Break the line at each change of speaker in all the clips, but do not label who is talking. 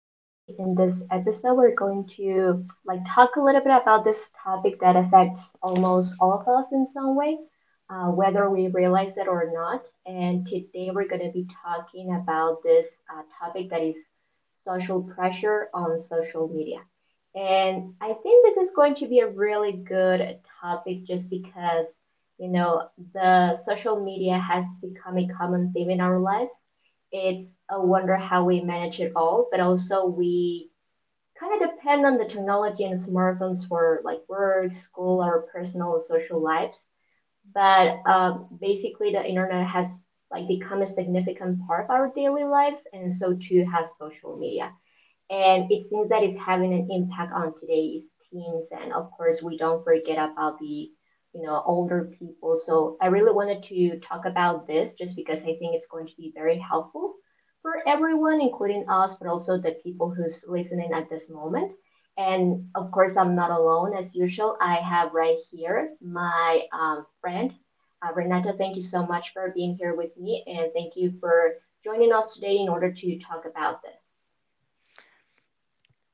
today. In this episode, we're going to like talk a little bit about this topic that affects almost all of us in some way, whether we realize it or not. And today, we're going to be talking about this topic that is social pressure on social media. And I think this is going to be a really good topic just because you know, the social media has become a common theme in our lives. It's a wonder how we manage it all, but also we kind of depend on the technology and smartphones for like work, school, our personal and social lives. But basically, the internet has like become a significant part of our daily lives, and so too has social media. And it seems that it's having an impact on today's teens. And of course, we don't forget about the older people. So I really wanted to talk about this just because I think it's going to be very helpful for everyone, including us, but also the people who's listening at this moment. And of course, I'm not alone as usual. I have right here my friend, Renata. Thank you so much for being here with me, and thank you for joining us today in order to talk about this.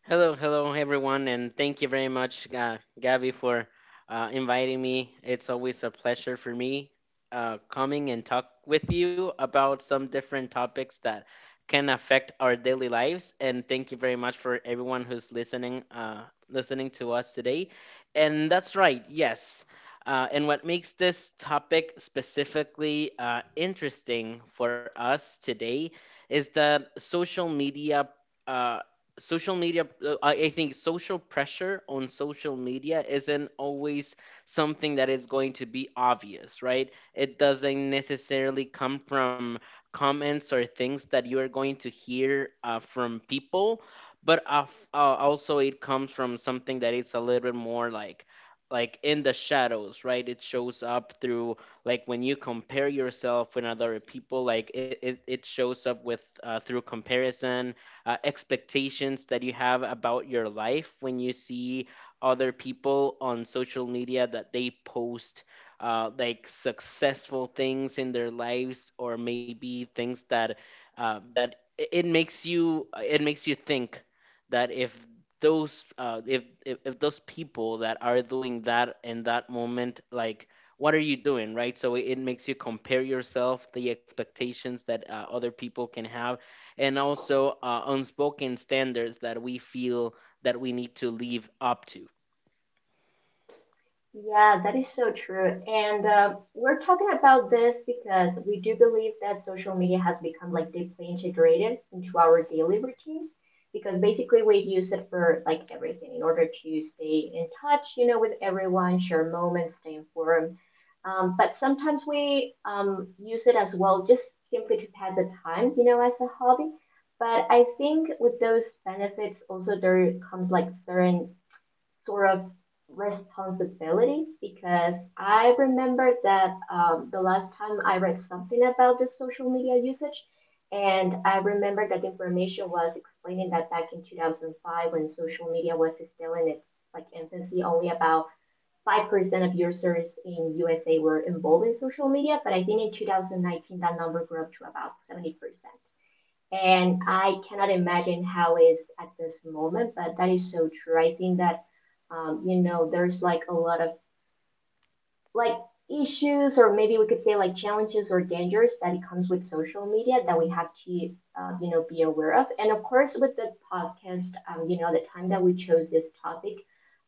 Hello, hello, everyone, and thank you very much, Gabby, for inviting me. It's always a pleasure for me coming and talk with you about some different topics that can affect our daily lives. And thank you very much for everyone who's listening, listening to us today. And that's right, yes. And what makes this topic specifically interesting for us today is that social media. Uh, social media I think social pressure on social media isn't always something that is going to be obvious, right? It doesn't necessarily come from comments or things that you are going to hear from people, but also it comes from something that is a little bit more like in the shadows, right? It shows up through, like, when you compare yourself with other people, like it shows up with through comparison, expectations that you have about your life when you see other people on social media that they post like successful things in their lives, or maybe things that uh, that it makes you, it makes you think that if those if if those people that are doing that in that moment, like, what are you doing, right? So it makes you compare yourself, the expectations that other people can have, and also unspoken standards that we feel that we need to live up to.
Yeah, that is so true. And we're talking about this because we do believe that social media has become like deeply integrated into our daily routines because basically we use it for like everything in order to stay in touch, with everyone, share moments, stay informed. But sometimes we use it as well just simply to pass the time, as a hobby. But I think with those benefits also there comes like certain sort of responsibility because I remember that the last time I read something about the social media usage, and I remember that information was explaining that back in 2005, when social media was still in its like infancy, only about 5% of users in USA were involved in social media, but I think in 2019 that number grew up to about 70%. And I cannot imagine how it is at this moment, but that is so true. I think that there's like a lot of like issues, or maybe we could say like challenges or dangers that it comes with social media that we have to be aware of. And of course, with the podcast, the time that we chose this topic,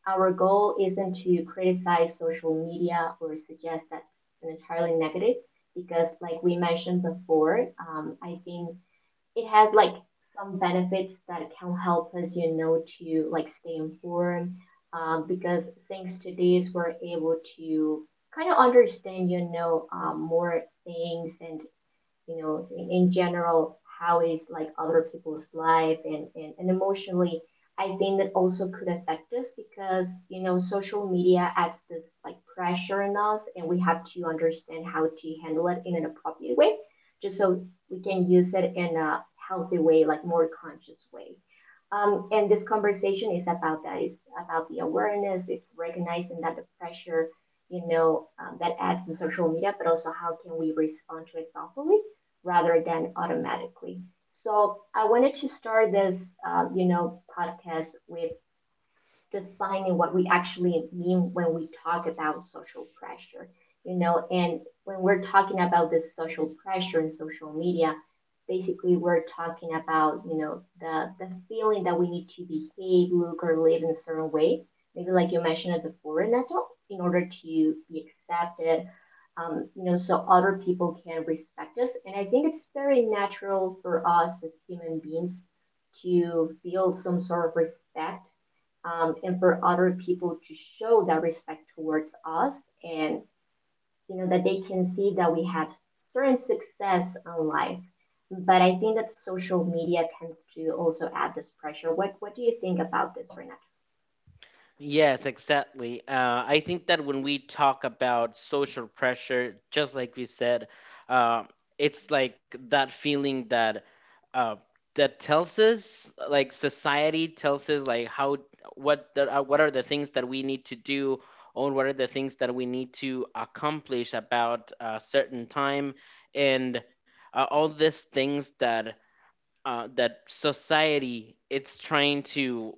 our goal isn't to criticize social media or suggest that's an entirely negative, because like we mentioned before, I think it has like some benefits that can help us, to like stay informed. Because thanks to this, we're able to kind of understand, more things, and in general, how is like other people's life, and emotionally, I think that also could affect us because, social media adds this like pressure on us, and we have to understand how to handle it in an appropriate way, just so we can use it in a healthy way, like more conscious way. And this conversation is about that. It's about the awareness. It's recognizing that the pressure, that adds to social media, but also how can we respond to it thoughtfully rather than automatically. So I wanted to start this, podcast with defining what we actually mean when we talk about social pressure, and when we're talking about this social pressure in social media, basically we're talking about, the feeling that we need to behave, look, or live in a certain way, maybe like you mentioned before, Renato, in order to be accepted, so other people can respect us. And I think it's very natural for us as human beings to feel some sort of respect, and for other people to show that respect towards us, and you know that they can see that we have certain success in life. But I think that social media tends to also add this pressure. What do you think about this, Renata?
Yes, exactly. I think that when we talk about social pressure, just like we said, uh, it's like that feeling that uh, that tells us, like society tells us, like how what the, what are the things that we need to do, or what are the things that we need to accomplish about a certain time, and all these things that that society it's trying to,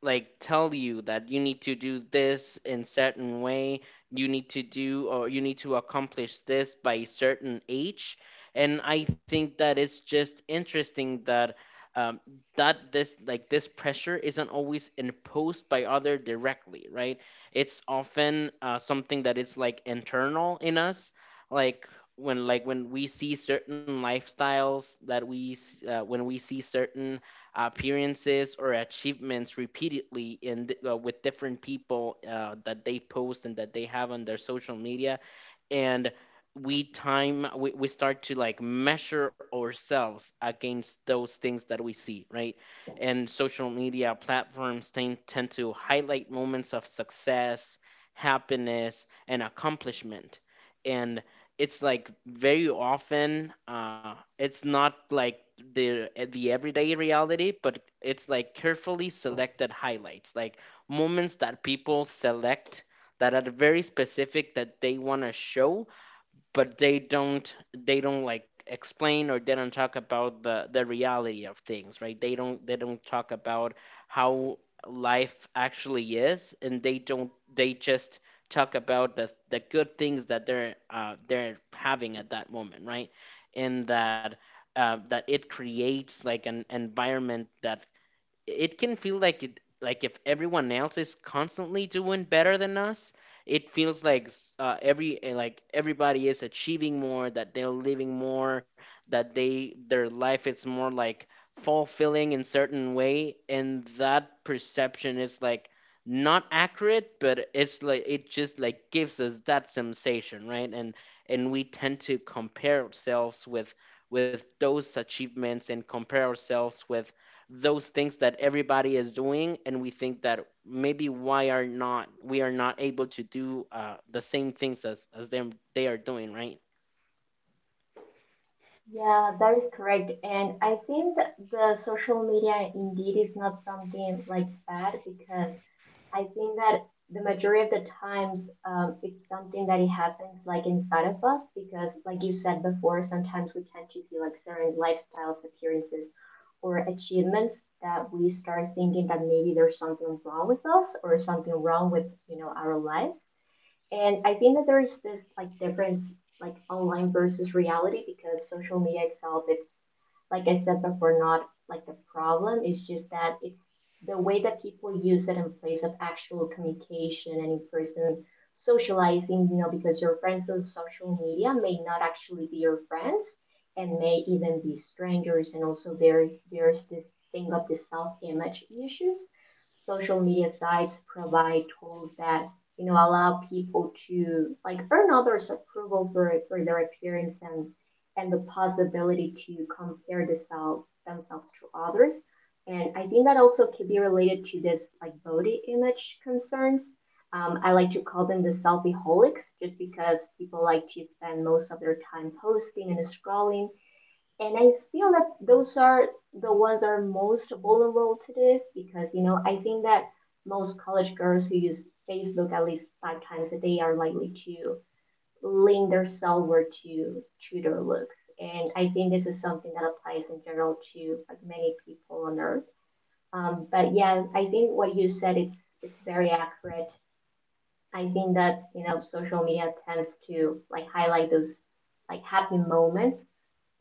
like, tell you that you need to do this in certain way, you need to do, or you need to accomplish this by a certain age. And I think that it's just interesting that um, that this, like, this pressure isn't always imposed by other directly, right? It's often something that is like internal in us, like when, like when we see certain lifestyles that when we see certain appearances or achievements repeatedly in with different people that they post and that they have on their social media, and we time we start to, like, measure ourselves against those things that we see, right? And social media platforms tend to highlight moments of success, happiness and accomplishment, and it's, like, very often it's not like the everyday reality, but it's like carefully selected highlights, like moments that people select that are very specific that they want to show, but they don't like explain, or they don't talk about the reality of things, right? They don't talk about how life actually is, and they don't they just talk about the good things that they're having at that moment, right? And that that it creates like an environment that it can feel like it, like if everyone else is constantly doing better than us, it feels like every like everybody is achieving more, that they're living more, that they, their life is more like fulfilling in certain way, and that perception is like not accurate, but it's like it just, like, gives us that sensation, right? And we tend to compare ourselves with those achievements, and compare ourselves with those things that everybody is doing, and we think that maybe why are not, we are not able to do the same things as them, they are doing, right?
Yeah, that is correct. And I think that the social media indeed is not something like bad, because I think that the majority of the times, it's something that it happens like inside of us because, like you said before, sometimes we tend to see like certain lifestyles, appearances, or achievements that we start thinking that maybe there's something wrong with us or something wrong with our lives. And I think that there is this like difference, like online versus reality, because social media itself, it's like I said before, not like the problem. It's just that it's the way that people use it in place of actual communication and in person socializing, because your friends on social media may not actually be your friends and may even be strangers. And also, there's this thing of the self image issues. Social media sites provide tools that allow people to like earn others approval for their appearance, and the possibility to compare themselves to others. And I think that also could be related to this like body image concerns. I like to call them the selfie holics, just because people like to spend most of their time posting and scrolling. And I feel that those are the ones that are most vulnerable to this, because I think that most college girls who use Facebook at least 5 times a day are likely to link their self-worth to their looks, and I think this is something that applies in general to like many people on Earth. But yeah, I think what you said, it's very accurate. I think that social media tends to like highlight those like happy moments,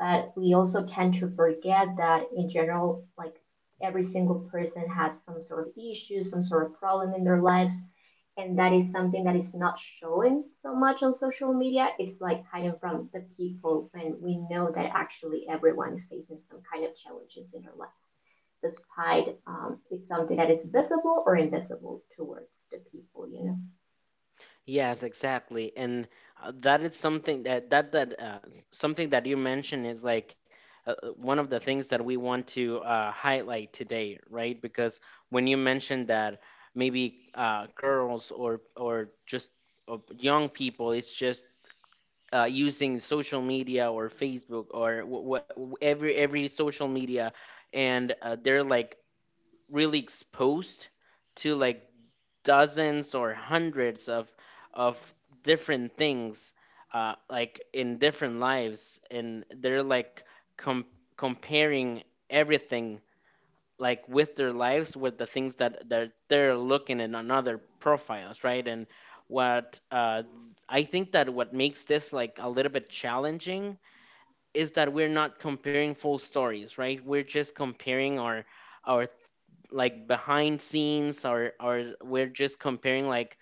but we also tend to forget that in general, like every single person has some sort of issue, some sort of problem in their lives, and that is something that is not shown so much on social media. It's like hidden from the people, when we know that actually everyone is facing some kind of challenges in their lives, despite it's something that is visible or invisible towards the people.
Yes, exactly. And that is something that something that you mentioned is like one of the things that we want to highlight today, right? Because when you mentioned that maybe girls or just young people, it's just using social media or Facebook or what every social media, and they're like really exposed to like dozens or hundreds of of different things, like in different lives, and they're like com- comparing everything, like, with their lives, with the things that they're looking in on other profiles, right? And what I think that what makes this like a little bit challenging is that we're not comparing full stories, right? We're just comparing our like behind scenes, or we're just comparing, like,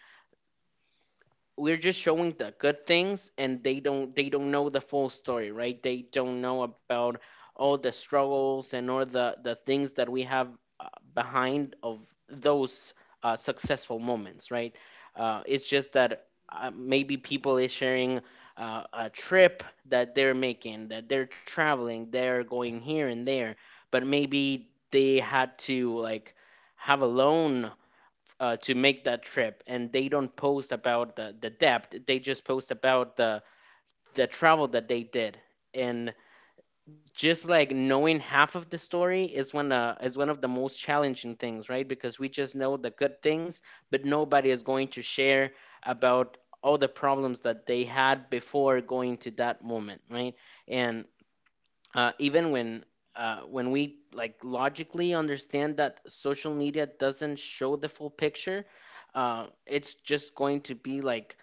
we're just showing the good things, and they don't know the full story, right? They don't know about all the struggles and all the things that we have uh, behind of those successful moments, right? It's just that maybe people is sharing a trip that they're making, that they're traveling, they're going here and there, but maybe they had to, like, have a loan to make that trip, and they don't post about the depth, they just post about the travel that they did. And just, like, knowing half of the story is one of the most challenging things, right? Because we just know the good things, but nobody is going to share about all the problems that they had before going to that moment, right? And even when we, like, logically understand that social media doesn't show the full picture, it's just going to be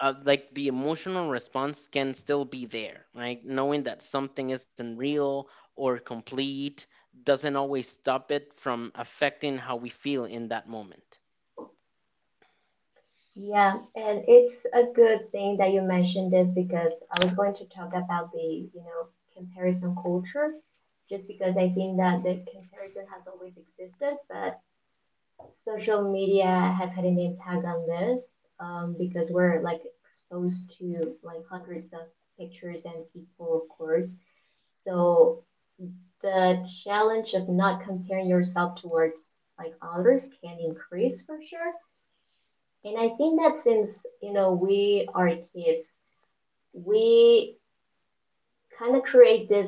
like the emotional response can still be there, right? Knowing that something isn't real or complete doesn't always stop it from affecting how we feel in that moment.
Yeah, and it's a good thing that you mentioned this, because I was going to talk about the, you know, comparison culture, just because I think that the comparison has always existed, but social media has had an impact on this, because we're like exposed to like hundreds of pictures and people, of course. So the challenge of not comparing yourself towards like others can increase for sure. And I think that since, we are kids, we kind of create this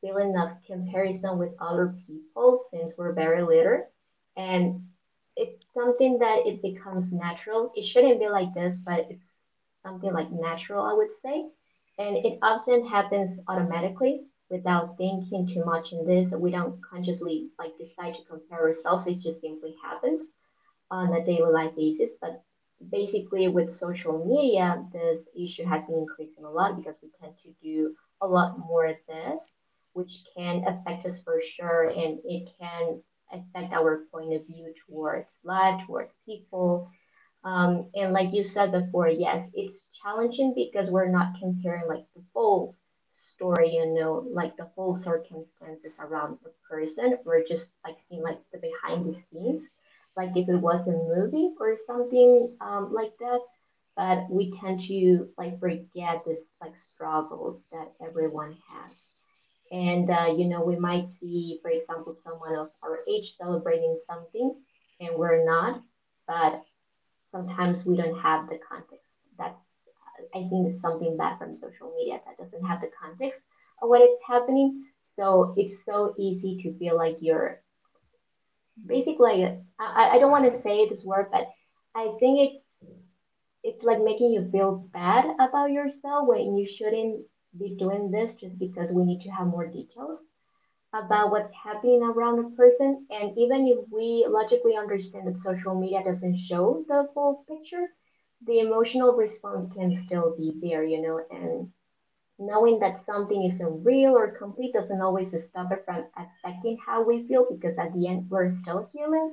feeling of comparison with other people since we're very little. And it's something that it becomes natural. It shouldn't be like this, but it's something like natural, I would say. And it often happens automatically, without thinking too much in this. We don't consciously like decide to compare ourselves. It just simply happens on a daily life basis. But basically, with social media, this issue has been increasing a lot, because we tend to do a lot more of this, which can affect us for sure, and it can affect our point of view towards life, towards people, and like you said before, yes, it's challenging because we're not comparing like the full story, like the whole circumstances around the person. We're just like seeing like the behind the scenes, like if it was a movie or something, like that. But we tend to like forget this like struggles that everyone has. And we might see, for example, someone of our age celebrating something, and we're not, but sometimes we don't have the context. That's, I think, it's something bad from social media, that doesn't have the context of what is happening. So it's so easy to feel like you're basically, like, I don't want to say this word, but I think it's like making you feel bad about yourself when you shouldn't be doing this, just because we need to have more details about what's happening around a person. And even if we logically understand that social media doesn't show the full picture, the emotional response can still be there, and knowing that something isn't real or complete doesn't always stop it from affecting how we feel, because at the end we're still humans.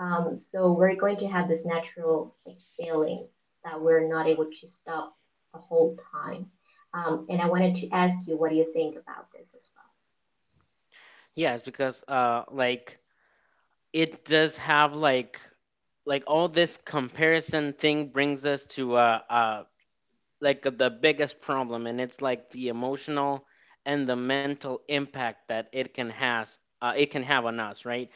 So we're going to have this natural like, feelings that we're not able to stop the whole time. And I wanted to ask you, what do you think about this as
Yeah, it's because like it does have like all this comparison thing brings us to a like the biggest problem, and it's like the emotional and the mental impact that it can has it can have on us, right?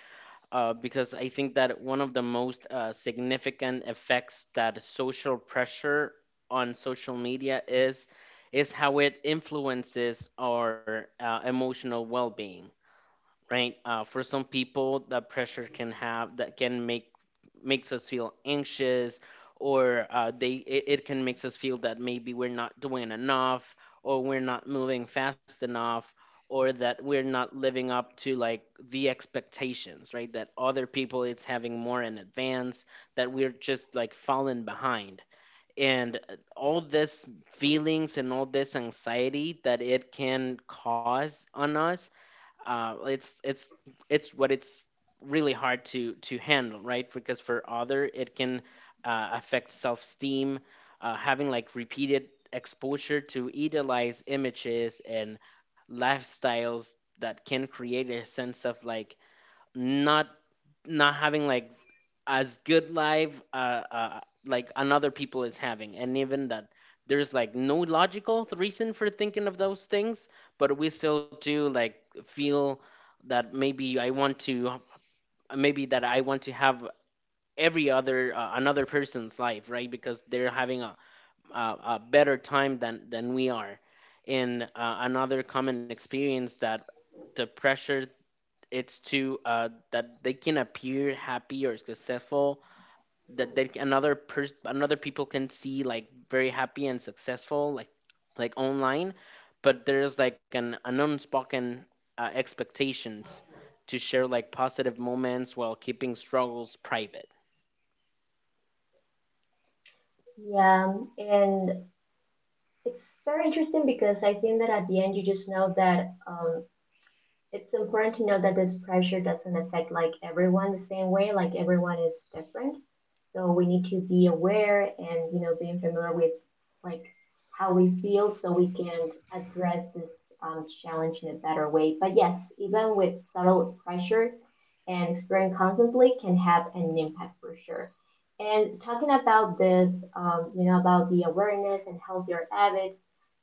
Because I think that one of the most significant effects that social pressure on social media is how it influences our emotional well-being, right? For some people, the pressure can have that can make makes us feel anxious, or they it can makes us feel that maybe we're not doing enough, or we're not moving fast enough, or that we're not living up to, like, the expectations, right? That other people it's having more in advance, that we're just, like, falling behind. And all this feelings and all this anxiety that it can cause on us, it's it's what it's really hard to handle, right? Because for other, it can affect self-esteem. Having, like, repeated exposure to idealized images and lifestyles that can create a sense of, like, not having like as good life uh like another people is having, and even that there's like no logical reason for thinking of those things, but we still do, like, feel that maybe I want to, maybe that I want to have every other another person's life, right? Because they're having a better time than we are. And another common experience that the pressure it's to that they can appear happy or successful, that they can, another person, another people can see, like, very happy and successful like online, but there's like an unspoken expectations to share like positive moments while keeping struggles private.
well? Yeah, and it's very interesting because I think that at the end you just know that it's important to know that this pressure doesn't affect like everyone the same way. Like everyone is different, so we need to be aware and you know being familiar with like how we feel so we can address this challenge in a better way. But yes, even with subtle pressure and experience constantly can have an impact for sure. And talking about this, you know, about the awareness and healthier habits,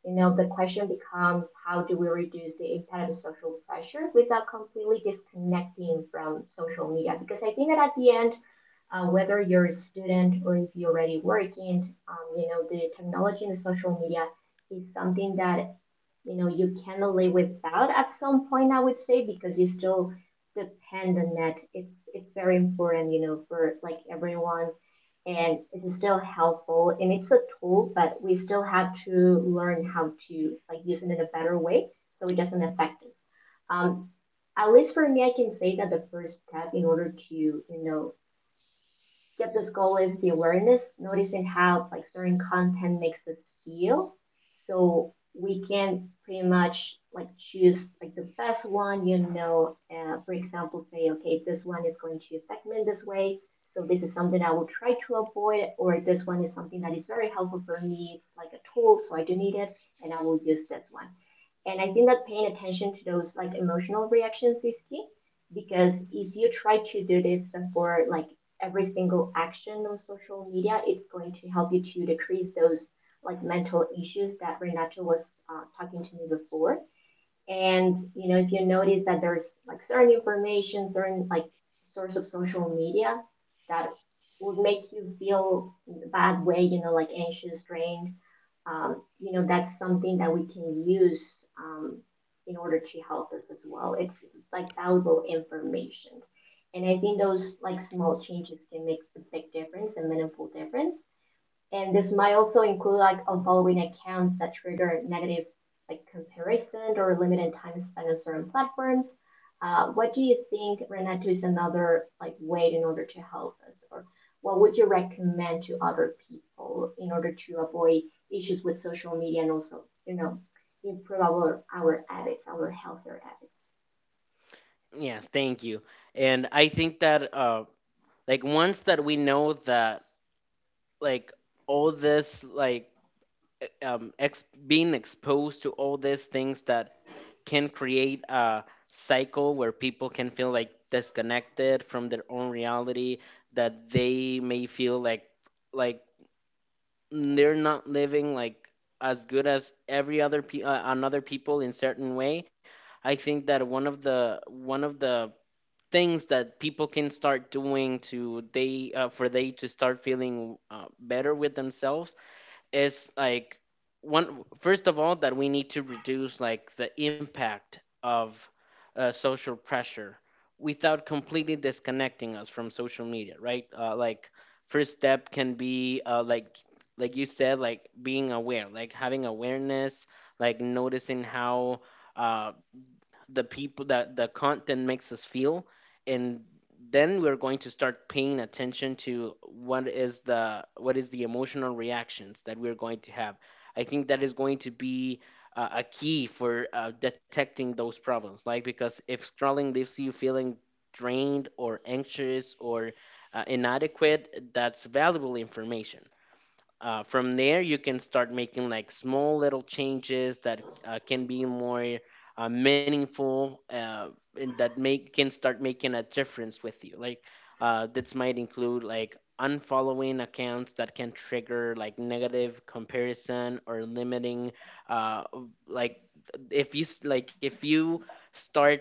you know, the question becomes how do we reduce the impact of social pressure without completely disconnecting from social media? Because I think that at the end, whether you're a student or if you're already working, you know, the technology and the social media is something that you know you cannot live without at some point I would say, because you still depend on that. It's very important you know for like everyone and it's still helpful and it's a tool, but we still have to learn how to like use it in a better way so it doesn't affect us. um, at least for me I can say that the first step in order to you know yet this goal is the awareness, noticing how like certain content makes us feel. So we can pretty much like choose like the best one, you know. For example, say okay, this one is going to affect me in this way, so this is something I will try to avoid, or this one is something that is very helpful for me. It's like a tool, so I do need it, and I will use this one. And I think that paying attention to those like emotional reactions is key, because if you try to do this before like every single action on social media, it's going to help you to decrease those like mental issues that Renato was talking to me before. And you know, if you notice that there's like certain information, certain like source of social media that would make you feel in a bad way, you know, like anxious, drained, you know, that's something that we can use in order to help us as well. It's like valuable information. And I think those like small changes can make a big difference, a meaningful difference. And this might also include like unfollowing accounts that trigger negative like comparison or limited time spent on certain platforms. What do you think, Renato, is another like way in order to help us, or what would you recommend to other people in order to avoid issues with social media and also, you know, improve our habits, our healthier habits?
Yes, thank you. And I think that like once that we know that like all this like being exposed to all these things that can create a cycle where people can feel like disconnected from their own reality, that they may feel like they're not living like as good as every other another people in certain way. I think that one of the things that people can start doing to they for they to start feeling better with themselves is, like, one, first of all, that we need to reduce, like, the impact of social pressure without completely disconnecting us from social media, right? Like, first step can be like you said, like being aware, like having awareness, like noticing how uh, the people that the content makes us feel, and then we're going to start paying attention to what is the emotional reactions that we're going to have. I think that is going to be a key for detecting those problems, like, because if scrolling leaves you feeling drained or anxious or inadequate, that's valuable information. From there, you can start making like small little changes that can be more meaningful, and that make can start making a difference with you, like. This might include, like, unfollowing Accounts that can trigger like negative comparison or limiting, uh, like if like if you start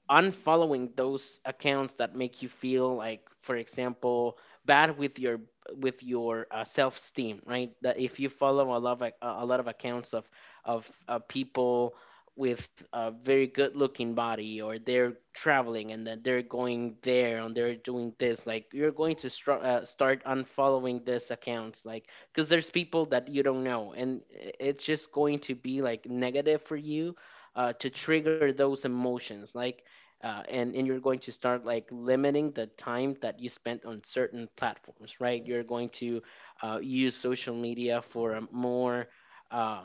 unfollowing those accounts that make you feel like, for example, bad with your with your self-esteem, right? That if you follow a lot of accounts of of people with a very good-looking body, or they're traveling and then they're going there and they're doing this, like you're going to start unfollowing these accounts, like because there's people that you don't know, and it's just going to be like negative for you to trigger those emotions, like, and you're going to start like limiting the time that you spent on certain platforms, right? You're going to use social media for a more uh,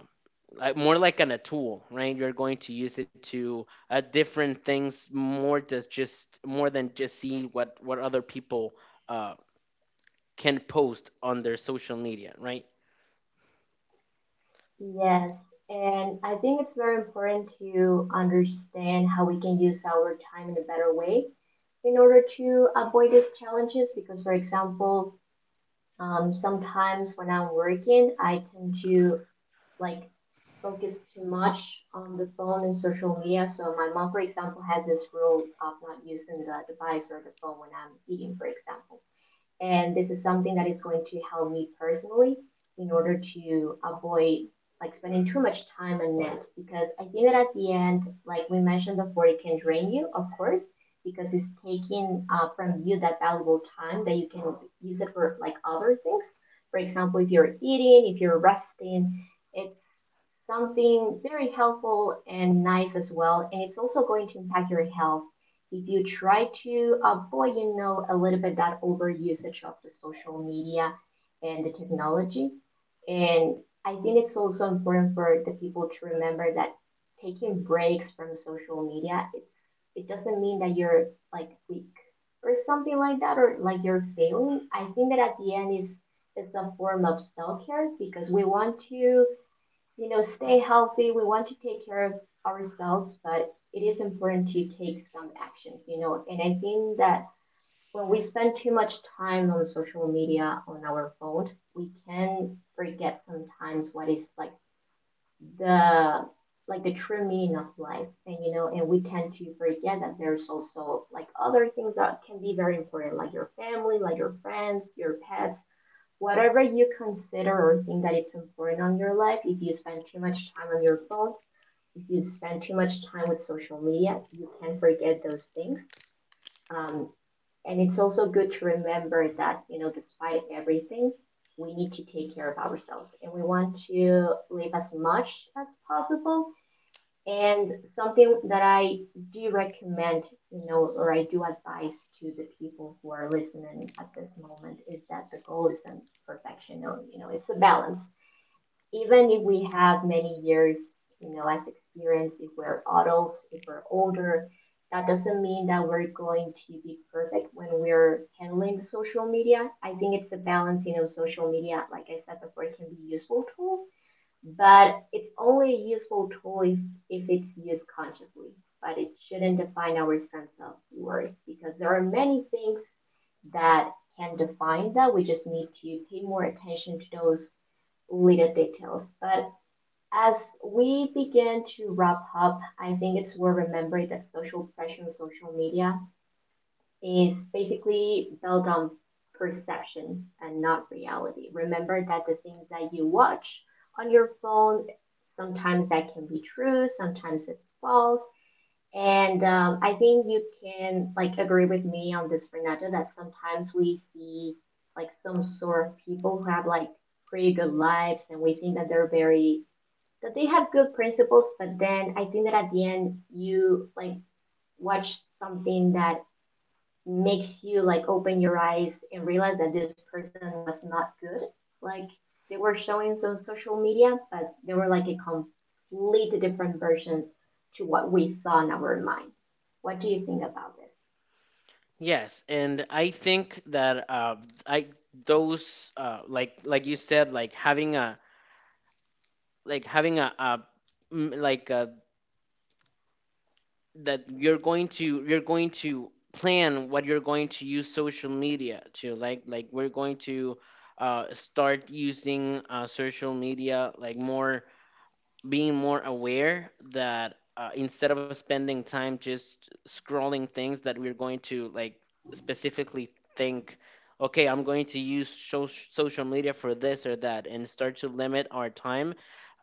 like more like an a tool, right? You're going to use it to different things, more to just more than just see what other people uh, can post on their social media, right?
Yes, and I think it's very important to understand how we can use our time in a better way in order to avoid these challenges, because for example sometimes when I'm working I tend to like focus too much on the phone and social media, so my mom for example has this rule of not using the device or the phone when I'm eating for example, and this is something that is going to help me personally in order to avoid like spending too much time on Nest. Because I think that at the end, like we mentioned before, it can drain you, of course, because it's taking from you that valuable time that you can use it for like other things. For example, if you're eating, if you're resting, it's something very helpful and nice as well. And it's also going to impact your health if you try to avoid, you know, a little bit that over usage of the social media and the technology. And I think it's also important for the people to remember that taking breaks from social media, it doesn't mean that you're like weak or something like that or like you're failing. I think that at the end is it's a form of self care, because we want to you know, stay healthy. We want to take care of ourselves, but it is important to take some actions, you know. And I think that when we spend too much time on social media, on our phone, we can forget sometimes what is like the the true meaning of life, and you know and we tend to forget that there's also like other things that can be very important, like your family, like your friends, your pets. Whatever you consider or think that it's important on your life, if you spend too much time on your phone, if you spend too much time with social media, you can forget those things. Um, and it's also good to remember that, you know, despite everything, we need to take care of ourselves and we want to live as much as possible, and something that I do recommend, you know, or I do advise to the people who are listening at this moment is that the goal isn't perfection. No, you know, it's a balance. Even if we have many years, you know, as experience, if we're adults, if we're older, that doesn't mean that we're going to be perfect when we're handling the social media. I think it's a balance, you know, social media, like I said before, it can be a useful tool, but it's only a useful tool if it's used consciously. But it shouldn't define our sense of worth, because there are many things that can define that. We just need to pay more attention to those little details. But as we begin to wrap up, I think it's worth remembering that social pressure on social media is basically built on perception and not reality. Remember that the things that you watch on your phone, sometimes that can be true, sometimes it's false. And I think you can like agree with me on this, Fernando, that sometimes we see like some sort of people who have like pretty good lives and we think that they're very that they have good principles, but then I think that at the end you like watch something that makes you like open your eyes and realize that this person was not good. Like they were showing on social media, but they were like a completely different version to what we saw in our minds. What do you think about this?
Yes, and I think that I those like you said, like having a like having a mm, like uh, that you're going to plan what you're going to use social media to, like we're going to start using social media like more, being more aware that instead of spending time just scrolling things, that we're going to like specifically think, okay, I'm going to use social media for this or that, and start to limit our time,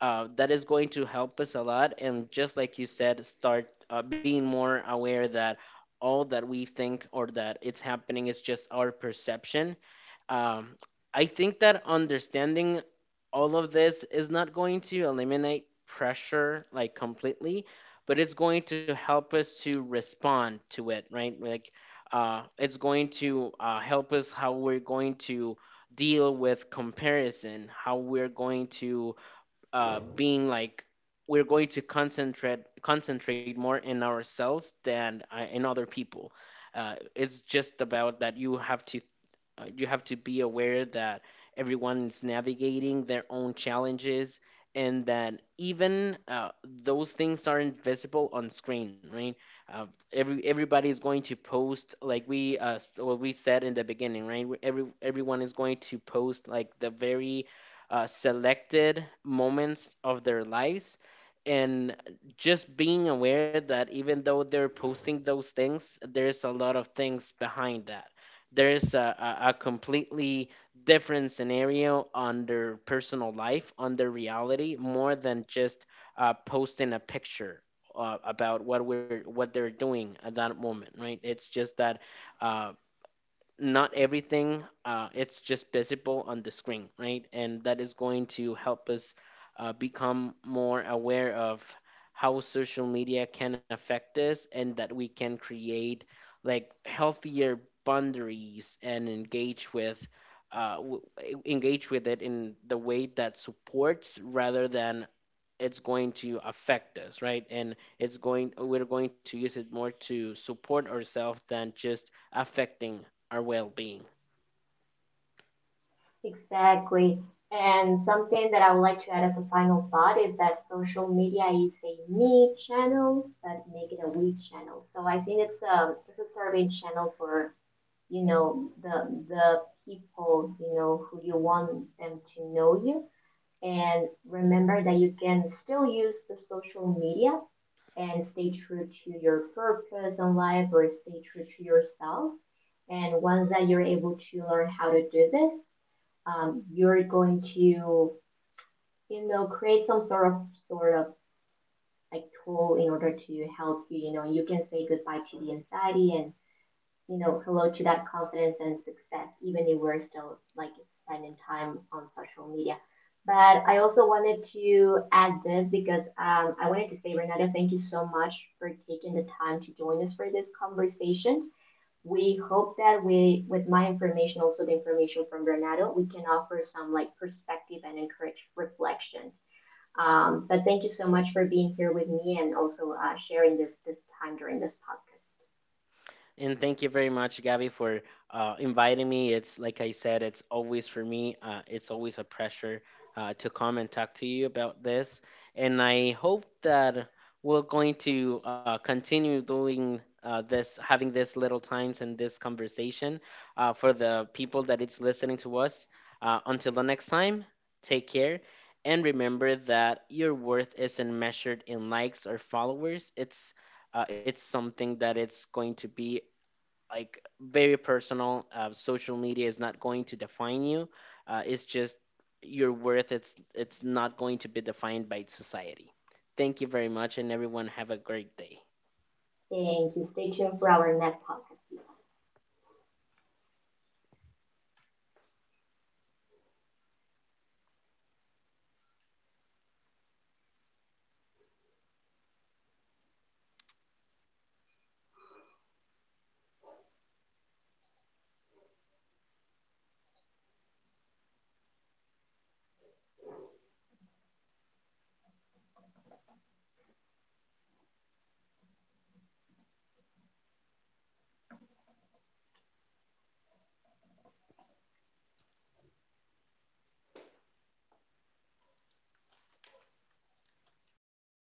that is going to help us a lot. And just like you said, start being more aware that all that we think or that it's happening is just our perception. um, I think that understanding all of this is not going to eliminate pressure like completely, but it's going to help us to respond to it, right? Like, it's going to help us how we're going to deal with comparison, how we're going to being like we're going to concentrate more in ourselves than in other people. It's just about that you have to be aware that everyone is navigating their own challenges and that even those things aren't visible on screen, right? uh, Everybody is going to post like we what we said in the beginning, right? Where everyone is going to post like the very selected moments of their lives, and just being aware that even though they're posting those things, there's a lot of things behind that. There's a completely different scenario on their personal life, on their reality, more than just posting a picture about what we're what they're doing at that moment, right? It's just that uh, not everything it's just visible on the screen, right? And that is going to help us become more aware of how social media can affect us, and that we can create like healthier boundaries and engage with engage with it in the way that supports, rather than it's going to affect us, right? And it's going we're going to use it more to support ourselves than just affecting our well being.
Exactly. And something that I would like to add as a final thought is that social media is a me channel, but make it a we channel. So I think it's a serving channel for you know the people you know who you want them to know you, and remember that you can still use the social media and stay true to your purpose in life or stay true to yourself, and once that you're able to learn how to do this you're going to you know create some sort of sort of like tool in order to help you, you know you can say goodbye to the anxiety and you know, promote you that confidence and success, even if we're still like spending time on social media. But I also wanted to add this because I wanted to say, Renata, thank you so much for taking the time to join us for this conversation. We hope that we, with my information, also the information from Renato, we can offer some like perspective and encourage reflection. But thank you so much for being here with me and also sharing this time during this podcast.
And thank you very much, Gabby, for inviting me. It's like I said, it's always for me, it's always a pressure to come and talk to you about this. And I hope that we're going to continue doing this, having this little times and this conversation for the people that it's listening to us. Until the next time, take care. And remember that your worth isn't measured in likes or followers. It's something that it's going to be like very personal. Social media is not going to define you. It's just your worth. It's not going to be defined by society. Thank you very much, and everyone have a great day.
Thank you. Stay tuned for our next podcast.